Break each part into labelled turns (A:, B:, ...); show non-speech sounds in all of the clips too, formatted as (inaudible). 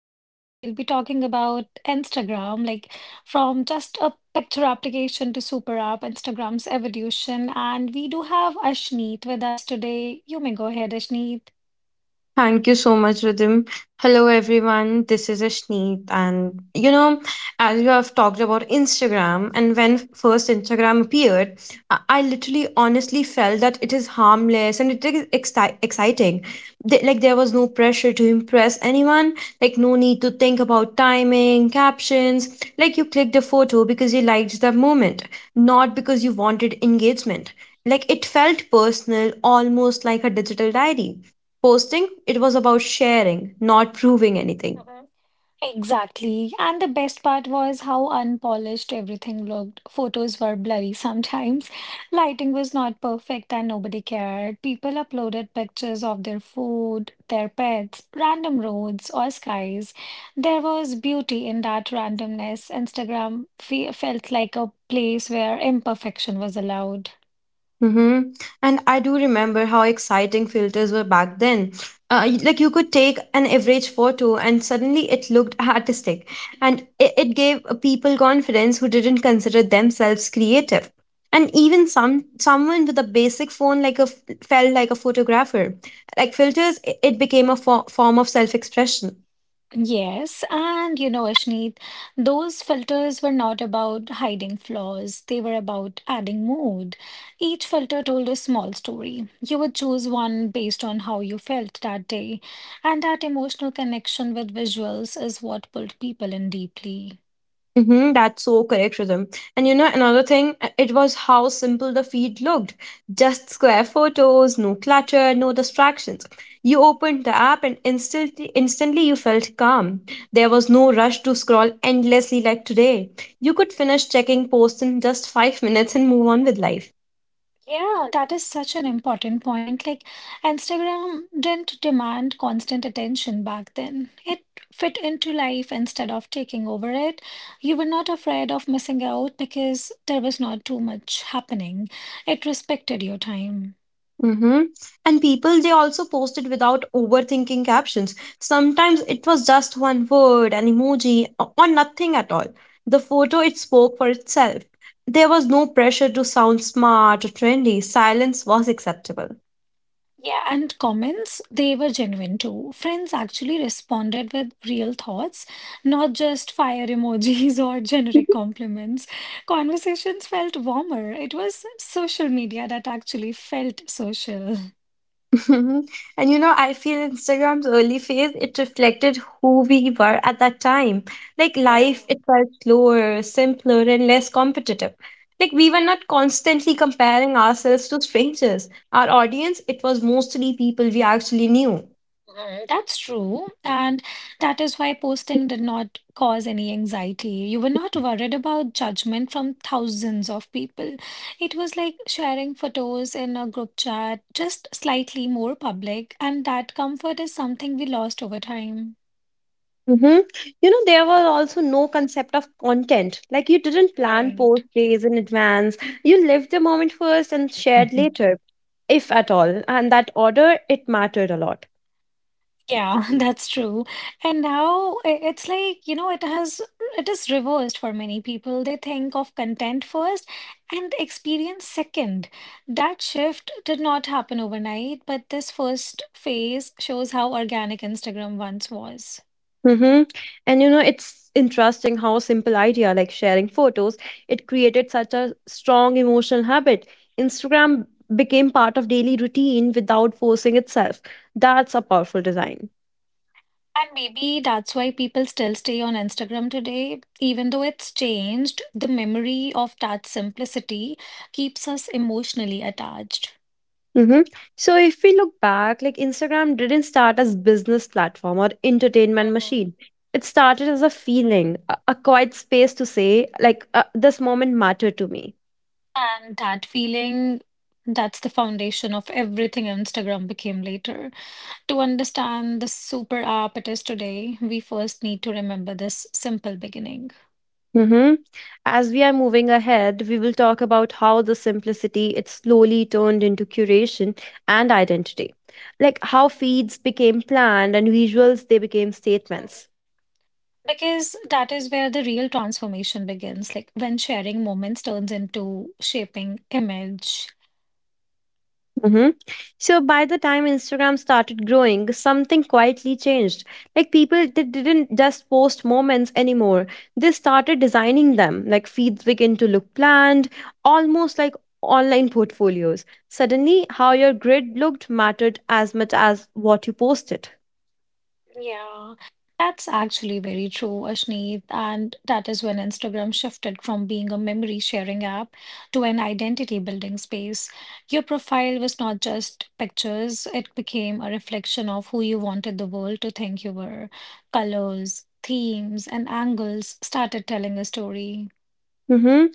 A: And today we'll be talking about Instagram, like, from just a picture application to super app, Instagram's evolution. And we do have Ashneet with us today. You may go ahead, Ashneet.
B: Thank you so much, Ridim. Hello, everyone. This is Ashneet. And, you know, as you have talked about Instagram, and when first Instagram appeared, I literally honestly felt that it is harmless and it is exciting. Like, there was no pressure to impress anyone, like, no need to think about timing, captions. Like, you clicked the photo because you liked the moment, not because you wanted engagement. Like, it felt personal, almost like a digital diary posting, it was about sharing, not proving anything.
A: Exactly. And the best part was how unpolished everything looked. Photos were blurry sometimes. (laughs) Lighting was not perfect and nobody cared. People uploaded pictures of their food, their pets, random roads or skies. There was beauty in that randomness. Instagram fe felt like a place where imperfection was allowed.
B: Mm-hmm. And I do remember how exciting filters were back then. Like you could take an average photo and suddenly it looked (laughs) artistic. And it gave people confidence who didn't consider themselves creative. And even someone with a basic phone like a felt like a photographer. Like filters, it became a form of self-expression.
A: Yes, and you know, Ashneet, those filters were not about hiding flaws, they were about adding mood. Each filter told a small story. You would choose one based on how you felt that day, and that emotional connection with visuals is what pulled people in deeply.
B: Mm-hmm, that's so correct, Rhythm. And you know, another thing, it was how simple the feed looked. Just square photos, no clutter, no distractions. You opened the app and instantly you felt calm. There was no rush to scroll endlessly like today. You could finish checking posts in just 5 minutes and move on with life.
A: Yeah, that is such an important point. Like, Instagram didn't demand constant attention back then. It fit into life instead of taking over it. You were not afraid of missing out because there was not too much happening. It respected your time.
B: Mm-hmm. And people, they also posted without overthinking captions. Sometimes it was just one word, an emoji, or nothing at all. The photo, it spoke for itself. There was no pressure to sound smart or trendy. Silence was acceptable.
A: Yeah, and comments, they were genuine too. Friends actually responded with real thoughts, not just fire emojis (laughs) or generic compliments. Conversations felt warmer. It was social media that actually felt social. (laughs)
B: (laughs) And you know, I feel Instagram's early phase, it reflected who we were at that time. Like life, it felt slower, simpler, and less competitive. Like we were not constantly comparing ourselves to strangers. Our audience, it was mostly people we actually knew.
A: That's true, and that is why posting did not cause any anxiety. You were not worried about judgment from thousands of people. It was like sharing photos in a group chat, just slightly more public, and that comfort is something we lost over time.
B: Mm-hmm. You know, there was also no concept of content. Like, you didn't plan
A: Right.
B: post days in advance. You lived the moment first and shared
A: (laughs)
B: later if at all. And that order, it mattered a lot.
A: Yeah, (laughs) that's true. And now it's like, you know, it is reversed for many people. They think of content first and experience second. That shift did not happen overnight, but this first phase shows how organic Instagram once was.
B: Mm-hmm. And you know, it's interesting how a simple idea like sharing photos, it created such a strong emotional habit. Instagram became part of daily routine without forcing itself. That's a powerful design.
A: And maybe that's why people still stay on Instagram today, even though it's changed, the memory of that simplicity keeps us emotionally attached.
B: Mhm. So if we look back, like Instagram didn't start as business platform or entertainment
A: Mhm.
B: machine. It started as a feeling, a quiet space to say, this moment mattered to me.
A: And that feeling, that's the foundation of everything Instagram became later. To understand the super app it is today, we first need to remember this simple beginning.
B: Mhm. As we are moving ahead, we will talk about how the simplicity it slowly turned into curation and identity. Like how feeds became planned and visuals they became statements.
A: Because that is where the real transformation begins, like when sharing moments turns into shaping image.
B: Mm-hmm. So by the time Instagram started growing, something quietly changed. Like people they didn't just post moments anymore. They started designing them. Like feeds begin to look planned, almost like online portfolios. Suddenly, how your grid looked mattered as much as what you posted.
A: Yeah, that's actually very true, Ashneet. And that is when Instagram shifted from being a memory sharing app to an identity building space. Your profile was not just pictures, it became a reflection of who you wanted the world to think you were. Colors, themes, and angles started telling a story.
B: Mm-hmm.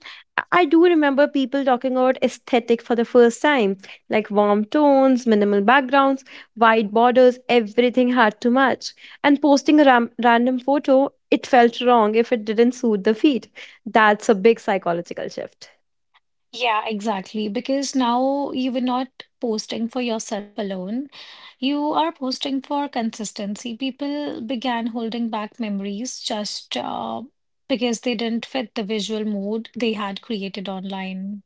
B: I do remember people talking about aesthetic for the first time, like warm tones, minimal backgrounds, wide borders, everything had to match. And posting a random photo, it felt wrong if it didn't suit the feed. That's a big psychological shift.
A: Yeah, exactly. Because now you were not posting for yourself alone. You are posting for consistency. People began holding back memories just because they didn't fit the visual mood they had created online.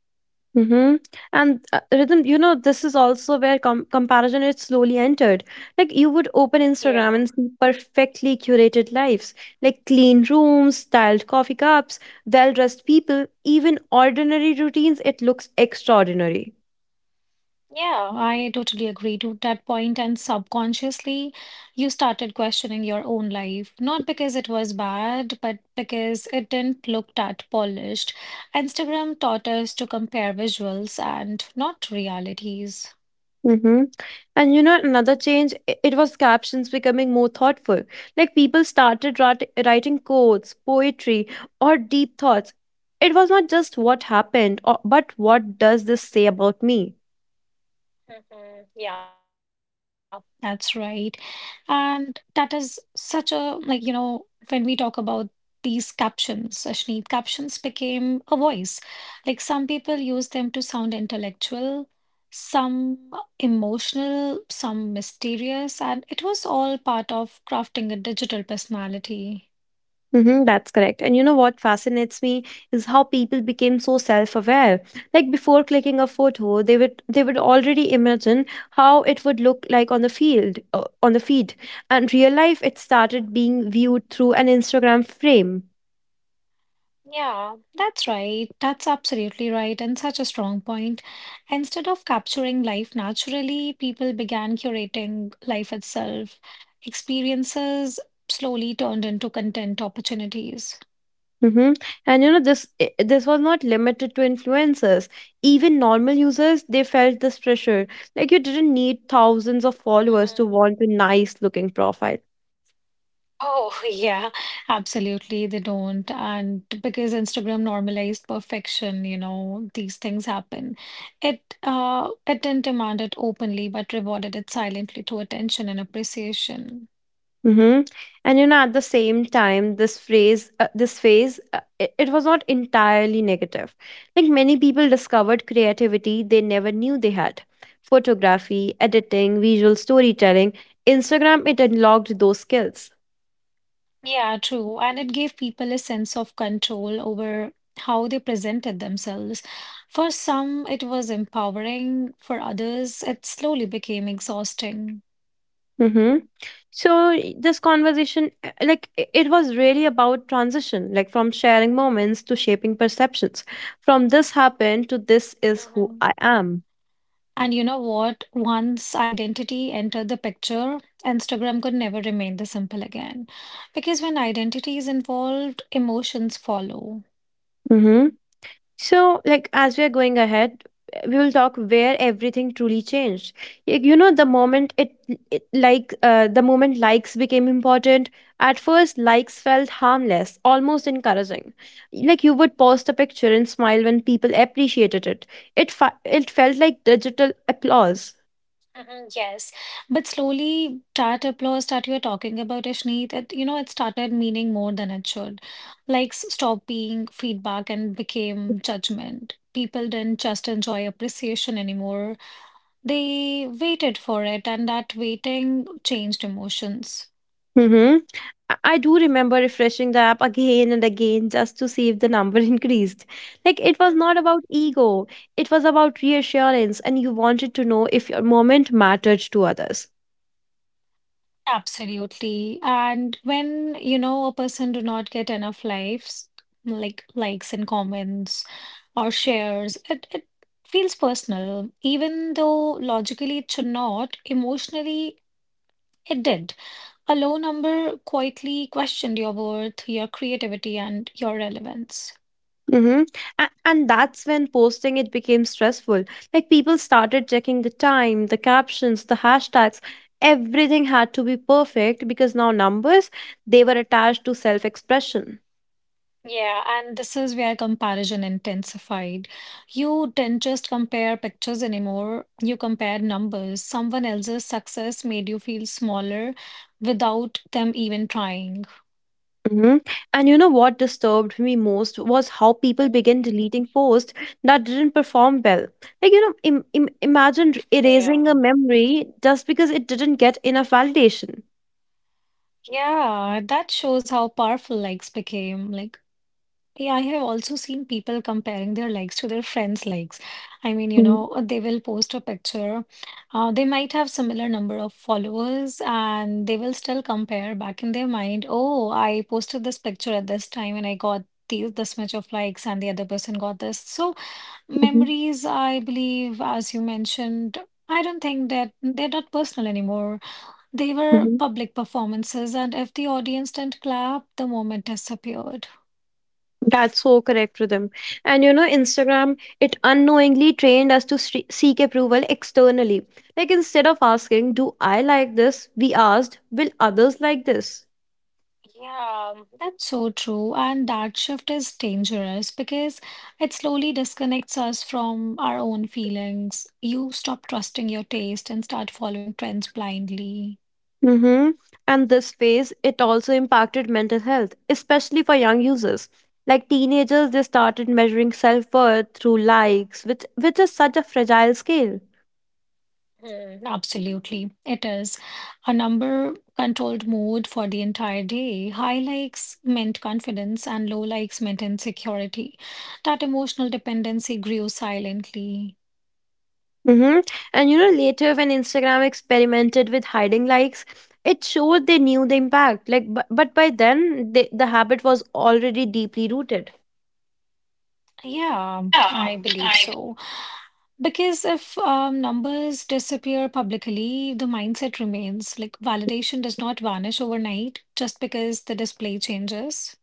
B: Mm-hmm. And rhythm, you know, this is also where comparison is slowly entered. Like you would open Instagram
A: Yeah.
B: and see perfectly curated lives, like clean rooms, styled coffee cups, well-dressed people, even ordinary routines. It looks extraordinary.
A: Yeah, I totally agree to that point. And subconsciously, you started questioning your own life, not because it was bad, but because it didn't look that polished. Instagram taught us to compare visuals and not realities.
B: Mm-hmm. And you know, another change, it was captions becoming more thoughtful. Like people started writing quotes, poetry, or deep thoughts. It was not just what happened, or, but what does this say about me?
A: Mhm. Yeah. That's right. And that is such a, like, you know, when we talk about these captions, Ashneet, captions became a voice. Like, some people use them to sound intellectual, some emotional, some mysterious, and it was all part of crafting a digital personality.
B: Mm-hmm, that's correct. And you know what fascinates me is how people became so self-aware. Like before clicking a photo, they would already imagine how it would look like on the field, on the feed and real life it started being viewed through an Instagram frame.
A: Yeah, that's right. That's absolutely right, and such a strong point. Instead of capturing life naturally, people began curating life itself. Experiences slowly turned into content opportunities.
B: Mm-hmm. And you know this was not limited to influencers. Even normal users they felt this pressure. Like you didn't need thousands of followers to
A: hmm
B: want a nice looking profile.
A: Oh, (laughs) yeah, absolutely. They don't. And because Instagram normalized perfection, you know, these things happen. It didn't demand it openly, but rewarded it silently through attention and appreciation.
B: Mm-hmm. And you know, at the same time, this phase, it was not entirely negative. Like many people discovered creativity they never knew they had. Photography, editing, visual storytelling, Instagram, it unlocked those skills.
A: Yeah, true. And it gave people a sense of control over how they presented themselves. For some, it was empowering. For others, it slowly became exhausting.
B: Mm-hmm. So this conversation, it was really about transition, like from sharing moments to shaping perceptions. From this happened to this is who
A: hmm
B: I am.
A: And you know what? Once identity entered the picture, Instagram could never remain the simple again. Because when identity is involved, emotions follow.
B: So, like, as we are going ahead, we will talk where everything truly changed. You know, the moment likes became important, at first, likes felt harmless, almost encouraging. Like, you would post a picture and smile when people appreciated it. It felt like digital applause.
A: Mhm, yes, but slowly that applause that you were talking about, Ashneet, it, you know, it started meaning more than it should. Like stop being feedback and became judgment. People didn't just enjoy appreciation anymore. They waited for it, and that waiting changed emotions.
B: I do remember refreshing the app again and again just to see if the number (laughs) increased. Like it was not about ego, it was about reassurance, and you wanted to know if your moment mattered to others.
A: Absolutely. And when, you know, a person do not get enough likes, like likes and comments or shares, it feels personal. Even though logically it should not, emotionally it did. A low number quietly questioned your worth, your creativity, and your relevance.
B: Mm-hmm. And that's when posting it became stressful. Like people started checking the time, the captions, the hashtags. Everything had to be perfect because now numbers, they were attached to self expression.
A: Yeah, and this is where comparison intensified. You didn't just compare pictures anymore, you compared numbers. Someone else's success made you feel smaller without them even trying.
B: Mm-hmm. And you know what disturbed me most was how people
A: Mhm.
B: began deleting posts that didn't perform well. Like, you know, imagine
A: Yeah.
B: erasing a memory just because it didn't get enough validation.
A: Yeah, that shows how powerful likes became. Like yeah, I have also seen people comparing their likes to their friends' likes. I mean, you know, they will post a picture. They might have similar number of followers, and they will still compare back in their mind. Oh, I posted this picture at this time, and I got these this much of likes, and the other person got this. So
B: Mm-hmm.
A: memories, I believe, as you mentioned. I don't think that they're not personal anymore. They were public performances, and if the audience didn't clap, the moment disappeared.
B: That's so correct, Rhythm. And you know, Instagram, it unknowingly trained us to seek approval externally. Like instead of asking, do I like this? We asked, will others like this?
A: Yeah, that's so true. And that shift is dangerous because it slowly disconnects us from our own feelings. You stop trusting your taste and start following trends blindly.
B: Mm-hmm. And this phase, it also impacted mental health, especially for young users. Like teenagers, they started measuring self worth through likes, which is such a fragile scale.
A: Mm, absolutely. It is a number controlled mode for the entire day. High likes meant confidence and low likes meant insecurity. That emotional dependency grew silently.
B: Mm-hmm. And you know, later when Instagram experimented with hiding likes, it showed they knew the impact. But by then, the habit was already deeply rooted.
A: Yeah, I believe so. Because if numbers disappear publicly, the mindset remains. Like validation does not vanish overnight just because the display changes.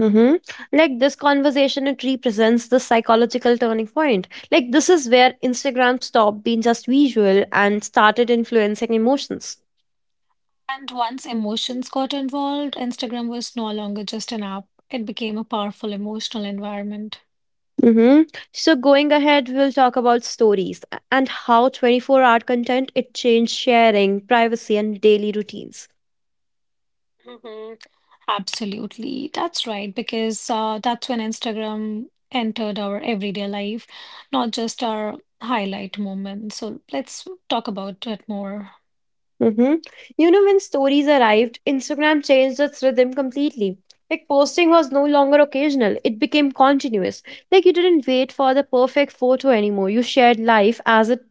B: Mm-hmm. Like this conversation, it represents the psychological turning point. Like, this is where Instagram stopped being just visual and started influencing emotions.
A: And once emotions got involved, Instagram was no longer just an app. It became a powerful emotional environment.
B: Mm-hmm. So going ahead, we'll talk about stories and how 24-hour content it changed sharing, privacy, and daily routines.
A: hmm Absolutely. That's right. Because that's when Instagram entered our everyday life, not just our highlight moments. So let's talk about it more.
B: Mm-hmm. You know, when stories arrived, Instagram changed its rhythm completely. Like, posting was no longer occasional, it became continuous. Like, you didn't wait for the perfect photo anymore. You shared life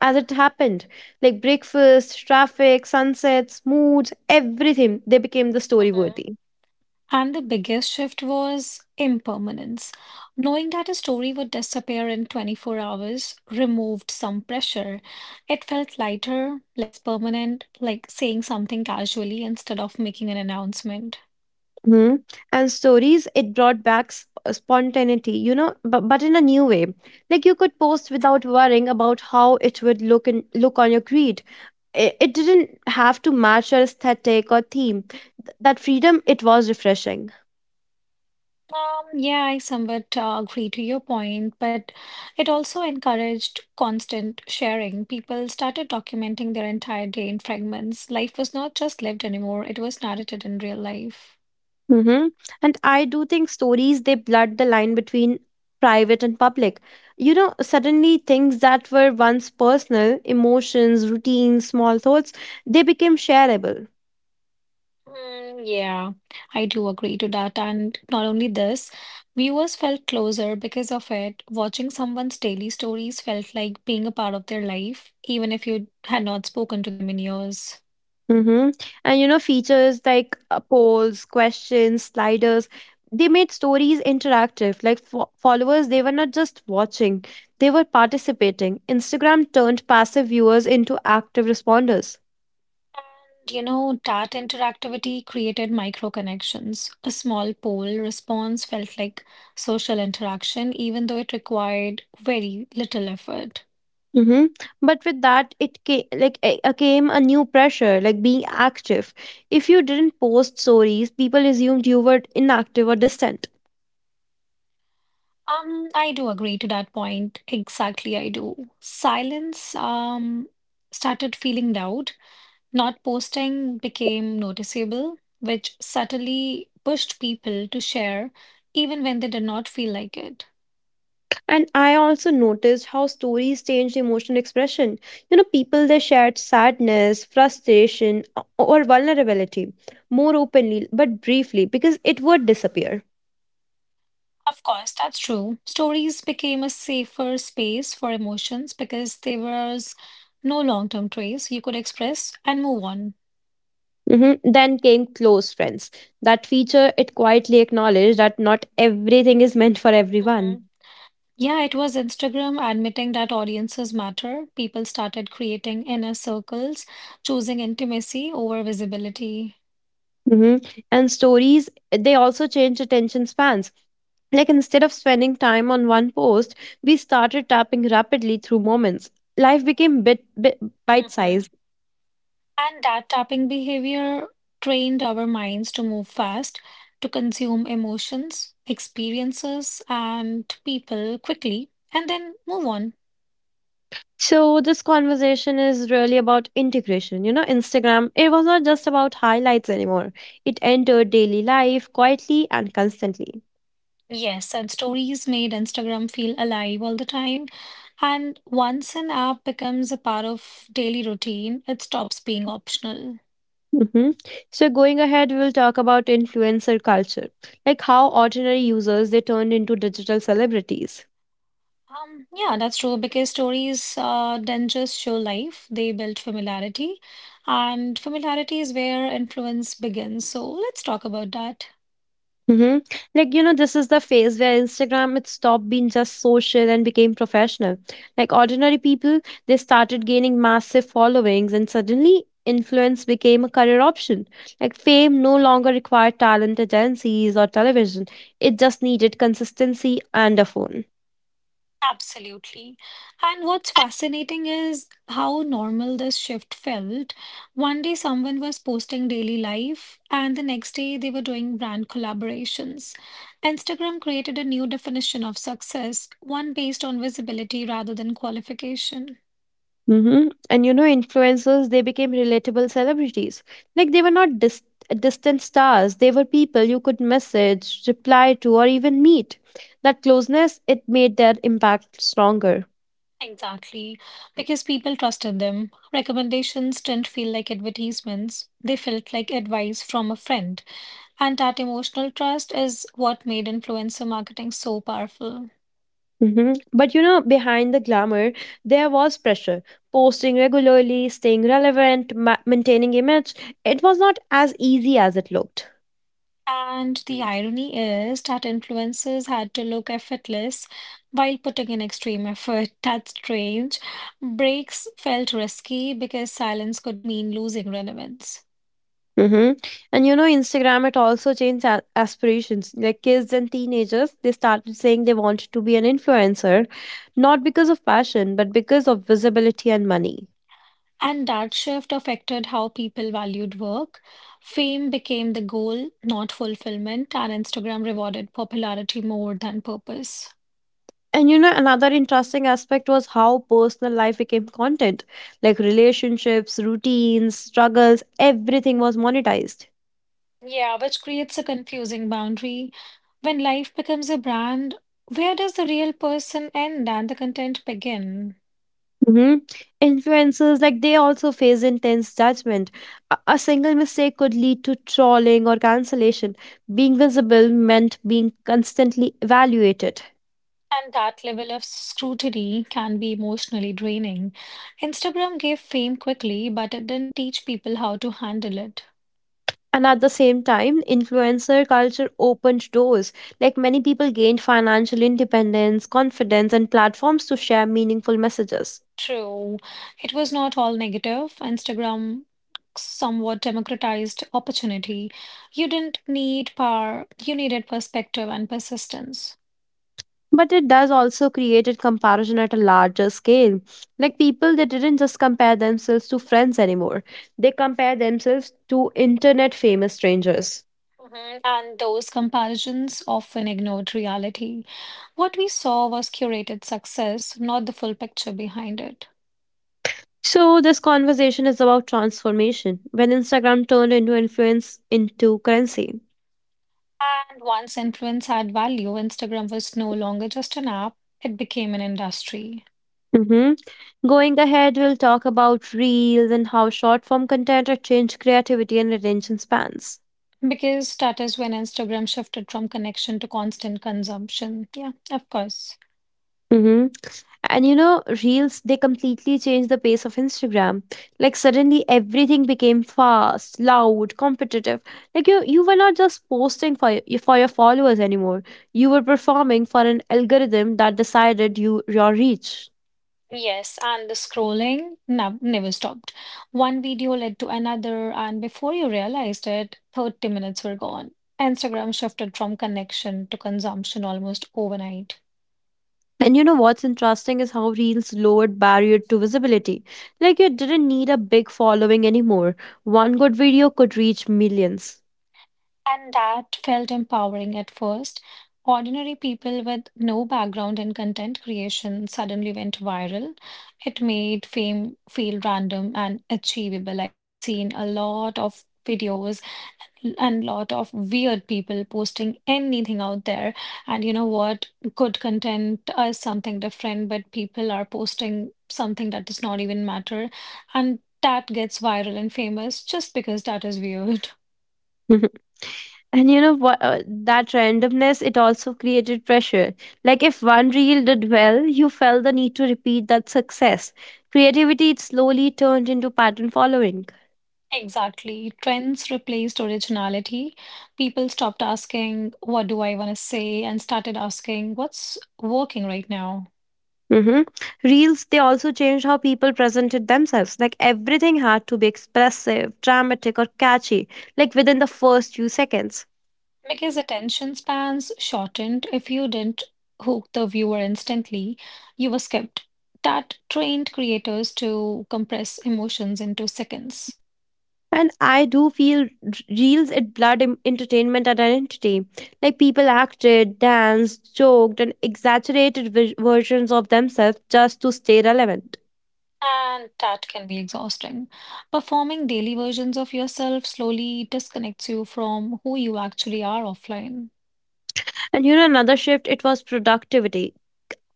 B: as it happened, like breakfast, traffic, sunsets, moods, everything they became the story worthy.
A: And the biggest shift was impermanence. Knowing that a story would disappear in 24 hours removed some pressure. It felt lighter, less permanent, like saying something casually instead of making an announcement.
B: Hmm. And stories, it brought back spontaneity, you know, but in a new way. Like you could post without worrying about how it would look on your creed. It didn't have to match your aesthetic or theme. That freedom, it was refreshing.
A: Yeah, I somewhat agree to your point, but it also encouraged constant sharing. People started documenting their entire day in fragments. Life was not just lived anymore, it was narrated in real life.
B: Hmm. And I do think stories, they blurred the line between private and public. You know, suddenly things that were once personal, emotions, routines, small thoughts, they became shareable.
A: Mm, yeah, I do agree to that. And not only this, viewers felt closer because of it. Watching someone's daily stories felt like being a part of their life, even if you had not spoken to them in years.
B: Mm-hmm. And you know, features like polls, questions, sliders, they made stories interactive. Like followers, they were not just watching, they were participating. Instagram turned passive viewers into active responders.
A: And you know, that interactivity created micro connections. A small poll response felt like social interaction, even though it required very little effort.
B: Mm-hmm. But with that, it came like a came a new pressure, like being active. If you didn't post stories, people assumed you were inactive or distant.
A: I do agree to that point. Exactly, I do. Silence started feeling loud. Not posting became noticeable, which subtly pushed people to share even when they did not feel like it.
B: And I also noticed how stories changed emotional expression. You know, people they shared sadness, frustration, or vulnerability more openly, but briefly because it would disappear.
A: Of course, that's true. Stories became a safer space for emotions because there was no long-term trace you could express and move on.
B: Mhm. Then came close friends. That feature it quietly acknowledged that not everything is meant for everyone.
A: Mhm. Yeah, it was Instagram admitting that audiences matter. People started creating inner circles, choosing intimacy over visibility.
B: Mhm. And stories they also changed attention spans. Like instead of spending time on one post, we started tapping rapidly through moments. Life became
A: hmm
B: bite-sized.
A: And that tapping behavior trained our minds to move fast, to consume emotions, experiences, and people quickly, and then move on.
B: So this conversation is really about integration. You know, Instagram, it was not just about highlights anymore. It entered daily life quietly and constantly.
A: Yes, and stories made Instagram feel alive all the time. And once an app becomes a part of daily routine, it stops being optional.
B: Hmm. So going ahead, we'll talk about influencer culture, like how ordinary users they turned into digital celebrities.
A: Yeah, that's true because stories don't just show life, they build familiarity, and familiarity is where influence begins. So let's talk about that.
B: Mm-hmm. Like, you know, this is the phase where Instagram it stopped being just social and became professional. Like ordinary people, they started gaining massive followings and suddenly influence became a career option. Like fame no longer required talent agencies or television. It just needed consistency and a phone.
A: Absolutely. And what's fascinating is how normal this shift felt. One day, someone was posting daily life, and the next day, they were doing brand collaborations. Instagram created a new definition of success, one based on visibility rather than qualification.
B: Mm-hmm. And you know, influencers, they became relatable celebrities. Like they were not distant stars, they were people you could message, reply to, or even meet. That closeness, it made their impact stronger.
A: Exactly, because people trusted them. Recommendations didn't feel like advertisements, they felt like advice from a friend. And that emotional trust is what made influencer marketing so powerful.
B: Mm-hmm. But you know, behind the glamour, there was pressure. Posting regularly, staying relevant, maintaining image, it was not as easy as it looked.
A: And the irony is that influencers had to look effortless while putting in extreme effort. (laughs) That's strange. Breaks felt risky because silence could mean losing relevance.
B: Mm-hmm. And you know, Instagram, it also changed aspirations. Like kids and teenagers, they started saying they wanted to be an influencer, not because of passion, but because of visibility and money.
A: And that shift affected how people valued work. Fame became the goal, not fulfillment, and Instagram rewarded popularity more than purpose.
B: And you know, another interesting aspect was how personal life became content. Like relationships, routines, struggles, everything was monetized.
A: Yeah, which creates a confusing boundary. When life becomes a brand, where does the real person end and the content begin?
B: Hmm. Influencers, like they also face intense judgment. A single mistake could lead to trolling or cancellation. Being visible meant being constantly evaluated.
A: And that level of scrutiny can be emotionally draining. Instagram gave fame quickly, but it didn't teach people how to handle it.
B: And at the same time, influencer culture opened doors. Like many people gained financial independence, confidence, and platforms to share meaningful messages.
A: True. It was not all negative. Instagram somewhat democratized opportunity. You didn't need power, you needed perspective and persistence.
B: But it does also create a comparison at a larger scale. Like people, they didn't just compare themselves to friends anymore, they compare themselves to internet famous strangers.
A: Mhm. And those comparisons often ignored reality. What we saw was curated success, not the full picture behind it.
B: So, this conversation is about transformation when Instagram turned into influence into currency.
A: And once influence had value, Instagram was no longer just an app, it became an industry.
B: Mhm. Going ahead, we'll talk about reels and how short form content has changed creativity and attention spans.
A: Because that is when Instagram shifted from connection to constant consumption. Yeah, of course.
B: Hmm. And you know, reels, they completely changed the pace of Instagram. Like suddenly everything became fast, loud, competitive. Like you were not just posting for your followers anymore. You were performing for an algorithm that decided your reach.
A: Yes, and the scrolling never stopped. One video led to another, and before you realized it, 30 minutes were gone. Instagram shifted from connection to consumption almost overnight.
B: And you know what's interesting is how reels lowered barrier to visibility. Like you didn't need a big following anymore. One good video could reach millions.
A: And that felt empowering at first. Ordinary people with no background in content creation suddenly went viral. It made fame feel random and achievable. I have seen a lot of videos and lot of weird people posting anything out there. And you know what? Good content is something different, but people are posting something that does not even matter. And that gets viral and famous just because that is weird.
B: (laughs) And you know what, that randomness, it also created pressure. Like if one reel did well, you felt the need to repeat that success. Creativity, it slowly turned into pattern following.
A: Exactly. Trends replaced originality. People stopped asking, what do I want to say? And started asking, what's working right now?
B: Hmm. Reels, they also changed how people presented themselves. Like everything had to be expressive, dramatic, or catchy, like within the first few seconds.
A: Because attention spans shortened. If you didn't hook the viewer instantly, you were skipped. That trained creators to compress emotions into seconds.
B: And I do feel reels at blood entertainment and identity. Like people acted, danced, joked, and exaggerated versions of themselves just to stay relevant.
A: And that can be exhausting. Performing daily versions of yourself slowly disconnects you from who you actually are offline.
B: And you know, another shift, it was productivity.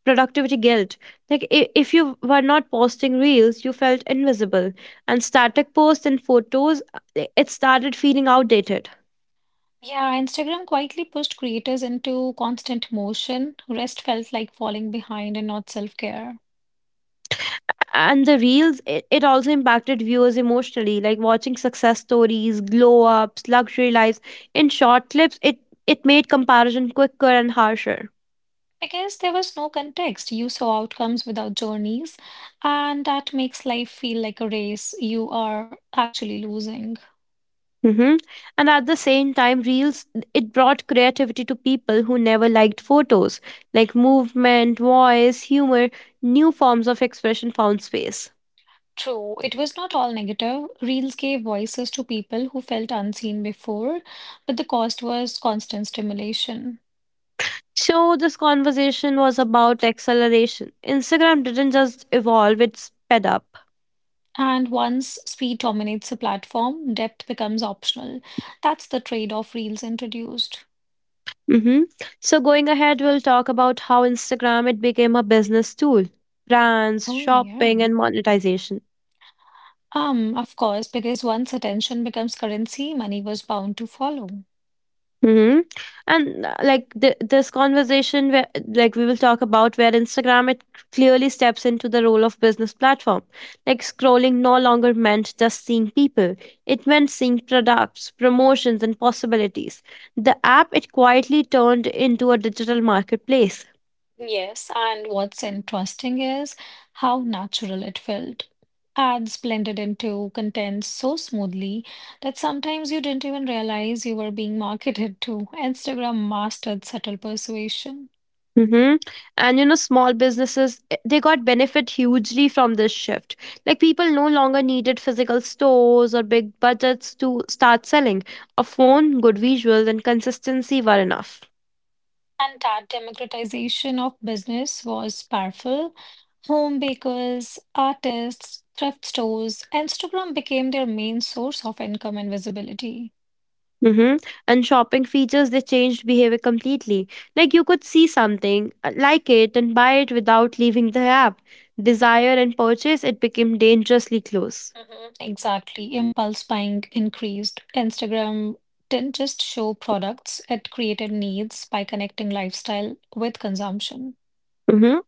B: Productivity guilt. Like, if you were not posting reels, you felt invisible. And static posts and photos, it started feeling outdated.
A: Yeah, Instagram quietly pushed creators into constant motion. Rest felt like falling behind and not self-care.
B: And the reels, it also impacted viewers emotionally. Like watching success stories, glow ups, luxury lives in short clips, it made comparison quicker and harsher.
A: Because there was no context. You saw outcomes without journeys, and that makes life feel like a race you are actually losing.
B: Hmm. And at the same time, reels, it brought creativity to people who never liked photos. Like movement, voice, humor, new forms of expression found space.
A: True, it was not all negative. Reels gave voices to people who felt unseen before, but the cost was constant stimulation.
B: So this conversation was about acceleration. Instagram didn't just evolve, it sped up.
A: And once speed dominates a platform, depth becomes optional. That's the trade-off Reels introduced.
B: Mm-hmm. So, going ahead, we'll talk about how Instagram, it became a business tool, brands,
A: Oh, yeah.
B: shopping, and monetization.
A: Of course, because once attention becomes currency, money was bound to follow.
B: Mm-hmm. And like this conversation, where like we will talk about where Instagram, it clearly steps into the role of business platform. Like scrolling no longer meant just seeing people; it meant seeing products, promotions, and possibilities. The app, it quietly turned into a digital marketplace.
A: Yes, and what's interesting is how natural it felt. Ads blended into content so smoothly that sometimes you didn't even realize you were being marketed to. Instagram mastered subtle persuasion.
B: Mm-hmm. And you know, small businesses, they got benefit hugely from this shift. Like people no longer needed physical stores or big budgets to start selling. A phone, good visuals, and consistency were enough.
A: And that democratization of business was powerful. Home bakers, artists, thrift stores, Instagram became their main source of income and visibility.
B: Mm-hmm. And shopping features, they changed behavior completely. Like you could see something, like it, and buy it without leaving the app. Desire and purchase, it became dangerously close.
A: Exactly. Impulse buying increased. Instagram didn't just show products, it created needs by connecting lifestyle with consumption.
B: Mm-hmm.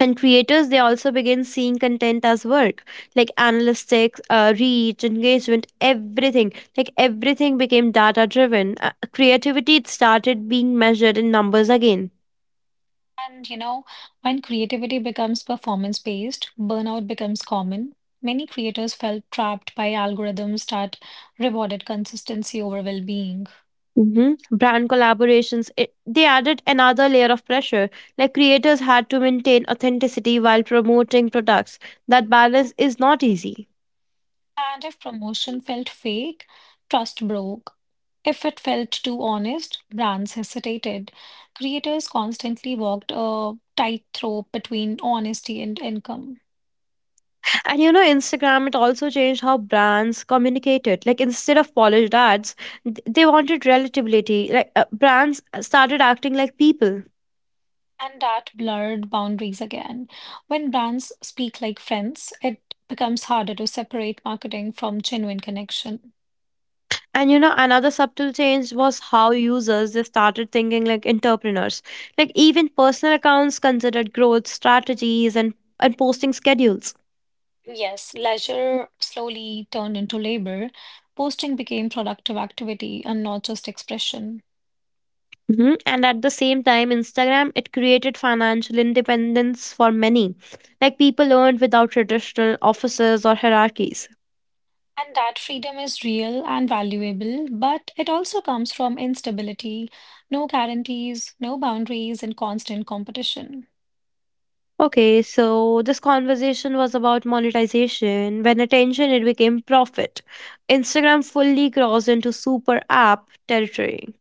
B: And creators, they also begin seeing content as work, like analytics, reach, engagement, everything. Like everything became data driven. Creativity, it started being measured in numbers again.
A: And you know, when creativity becomes performance based, burnout becomes common. Many creators felt trapped by algorithms that rewarded consistency over well being.
B: Hmm. Brand collaborations, they added another layer of pressure. Like creators had to maintain authenticity while promoting products. That balance is not easy.
A: And if promotion felt fake, trust broke. If it felt too honest, brands hesitated. Creators constantly walked a tightrope between honesty and income.
B: And you know, Instagram, it also changed how brands communicated. Like, instead of polished ads, they wanted relatability. Like, brands started acting like people.
A: And that blurred boundaries again. When brands speak like friends, it becomes harder to separate marketing from genuine connection.
B: And you know, another subtle change was how users, they started thinking like entrepreneurs. Like, even personal accounts considered growth strategies and posting schedules.
A: Yes, leisure slowly turned into labor. Posting became productive activity and not just expression.
B: Mhm. And at the same time, Instagram, it created financial independence for many. Like, people earned without traditional offices or hierarchies.
A: And that freedom is real and valuable, but it also comes from instability, no guarantees, no boundaries, and constant competition.
B: Okay, so this conversation was about monetization. When attention, it became profit. Instagram fully crossed into super app territory.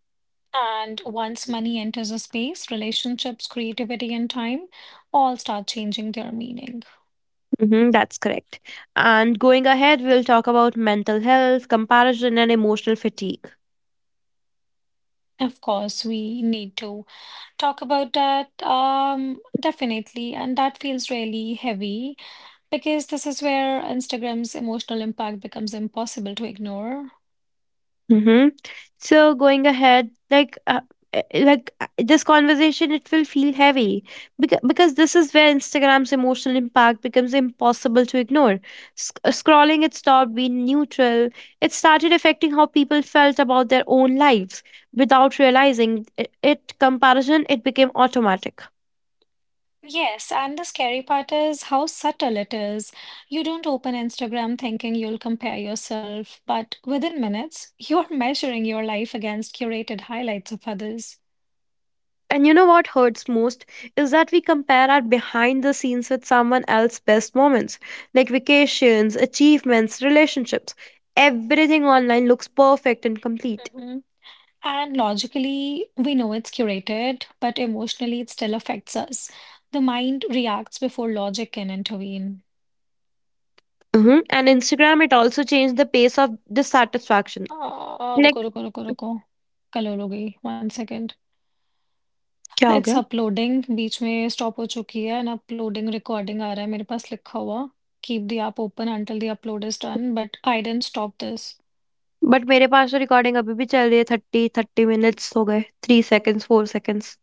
A: And once money enters a space, relationships, creativity, and time all start changing their meaning.
B: Hmm, that's correct. And going ahead, we'll talk about mental health, comparison, and emotional fatigue.
A: Of course, we need to talk about that, definitely. And that feels really heavy because this is where Instagram's emotional impact becomes impossible to ignore.
B: Mm-hmm. So going ahead, this conversation, it will feel heavy because this is where Instagram's emotional impact becomes impossible to ignore. Scrolling, it stopped being neutral. It started affecting how people felt about their own lives without realizing it. Comparison, it became automatic.
A: Yes, and the scary part is how subtle it is. You don't open Instagram thinking you'll compare yourself, but within minutes, you're (laughs) measuring your life against curated highlights of others.
B: And you know what hurts most is that we compare our behind the scenes with someone else's best moments, like vacations, achievements, relationships. Everything online looks perfect and complete. Hmm. And Instagram, it also changed the pace of dissatisfaction. Like, क्या हो गया? But मेरे पास तो recording अभी भी चल रही है। थर्टी मिनट्स हो गए, थ्री सेकेंड्स, फोर सेकेंड्स।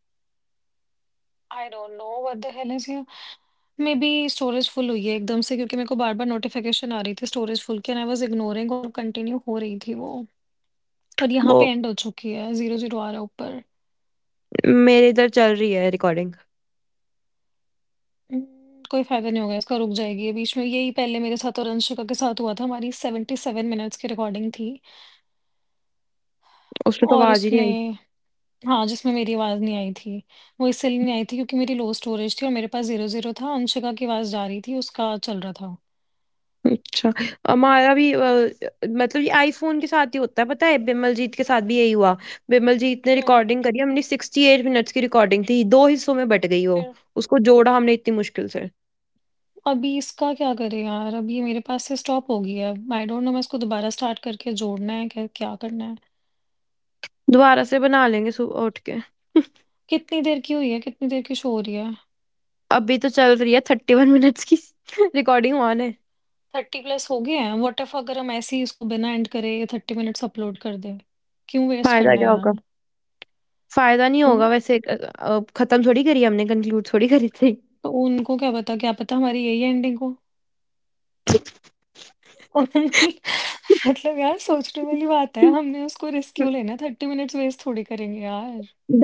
B: वो मेरे इधर चल रही है रिकॉर्डिंग। उसमें तो आवाज ही नहीं आई। अच्छा, हमारा भी मतलब ये आईफ़ोन के साथ ही होता है, पता है, बिमलजीत के साथ भी यही हुआ। बिमलजीत ने रिकॉर्डिंग करी, हमने 68 मिनट्स की रिकॉर्डिंग थी, 2 हिस्सों में बँट गई वो। उसको जोड़ा हमने इतनी मुश्किल से। दोबारा से बना लेंगे सुबह उठ के। (laughs) अभी तो चल रही है 31 मिनट्स की (laughs) रिकॉर्डिंग ऑन है। फ़ायदा क्या होगा? फ़ायदा नहीं होगा, वैसे ख़त्म थोड़ी करी हमने, कंक्लूड थोड़ी करी थी। (laughs)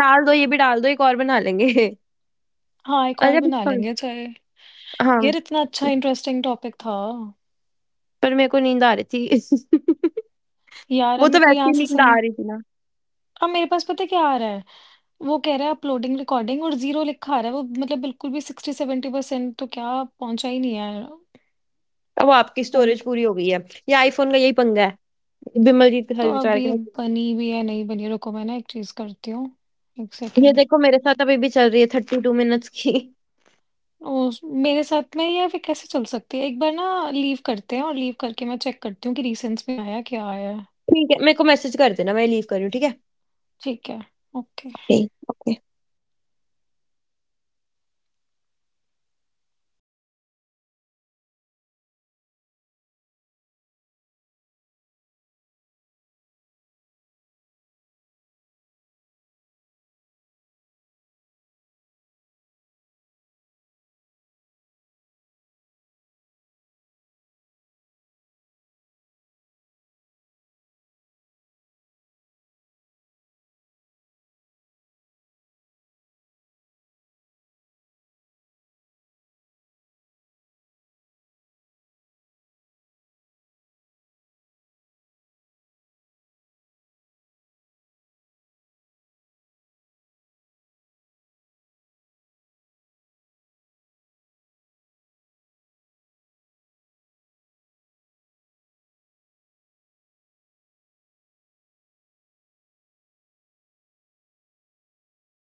B: डाल दो, ये भी डाल दो, एक और बना लेंगे। (laughs) अरे बस, हाँ। पर मेरे को नींद आ रही थी। (laughs) वो तो वैसे ही नींद आ रही थी ना। अब वो आपकी स्टोरेज पूरी हो गई है। ये आईफ़ोन का यही पंगा है। बिमलजीत के साथ, बेचारे के साथ। ये देखो मेरे साथ अभी भी चल रही है 32 मिनट्स की। ठीक है, मेरे को मैसेज कर देना, मैं लीव कर रही हूँ, ठीक है? Okay, okay.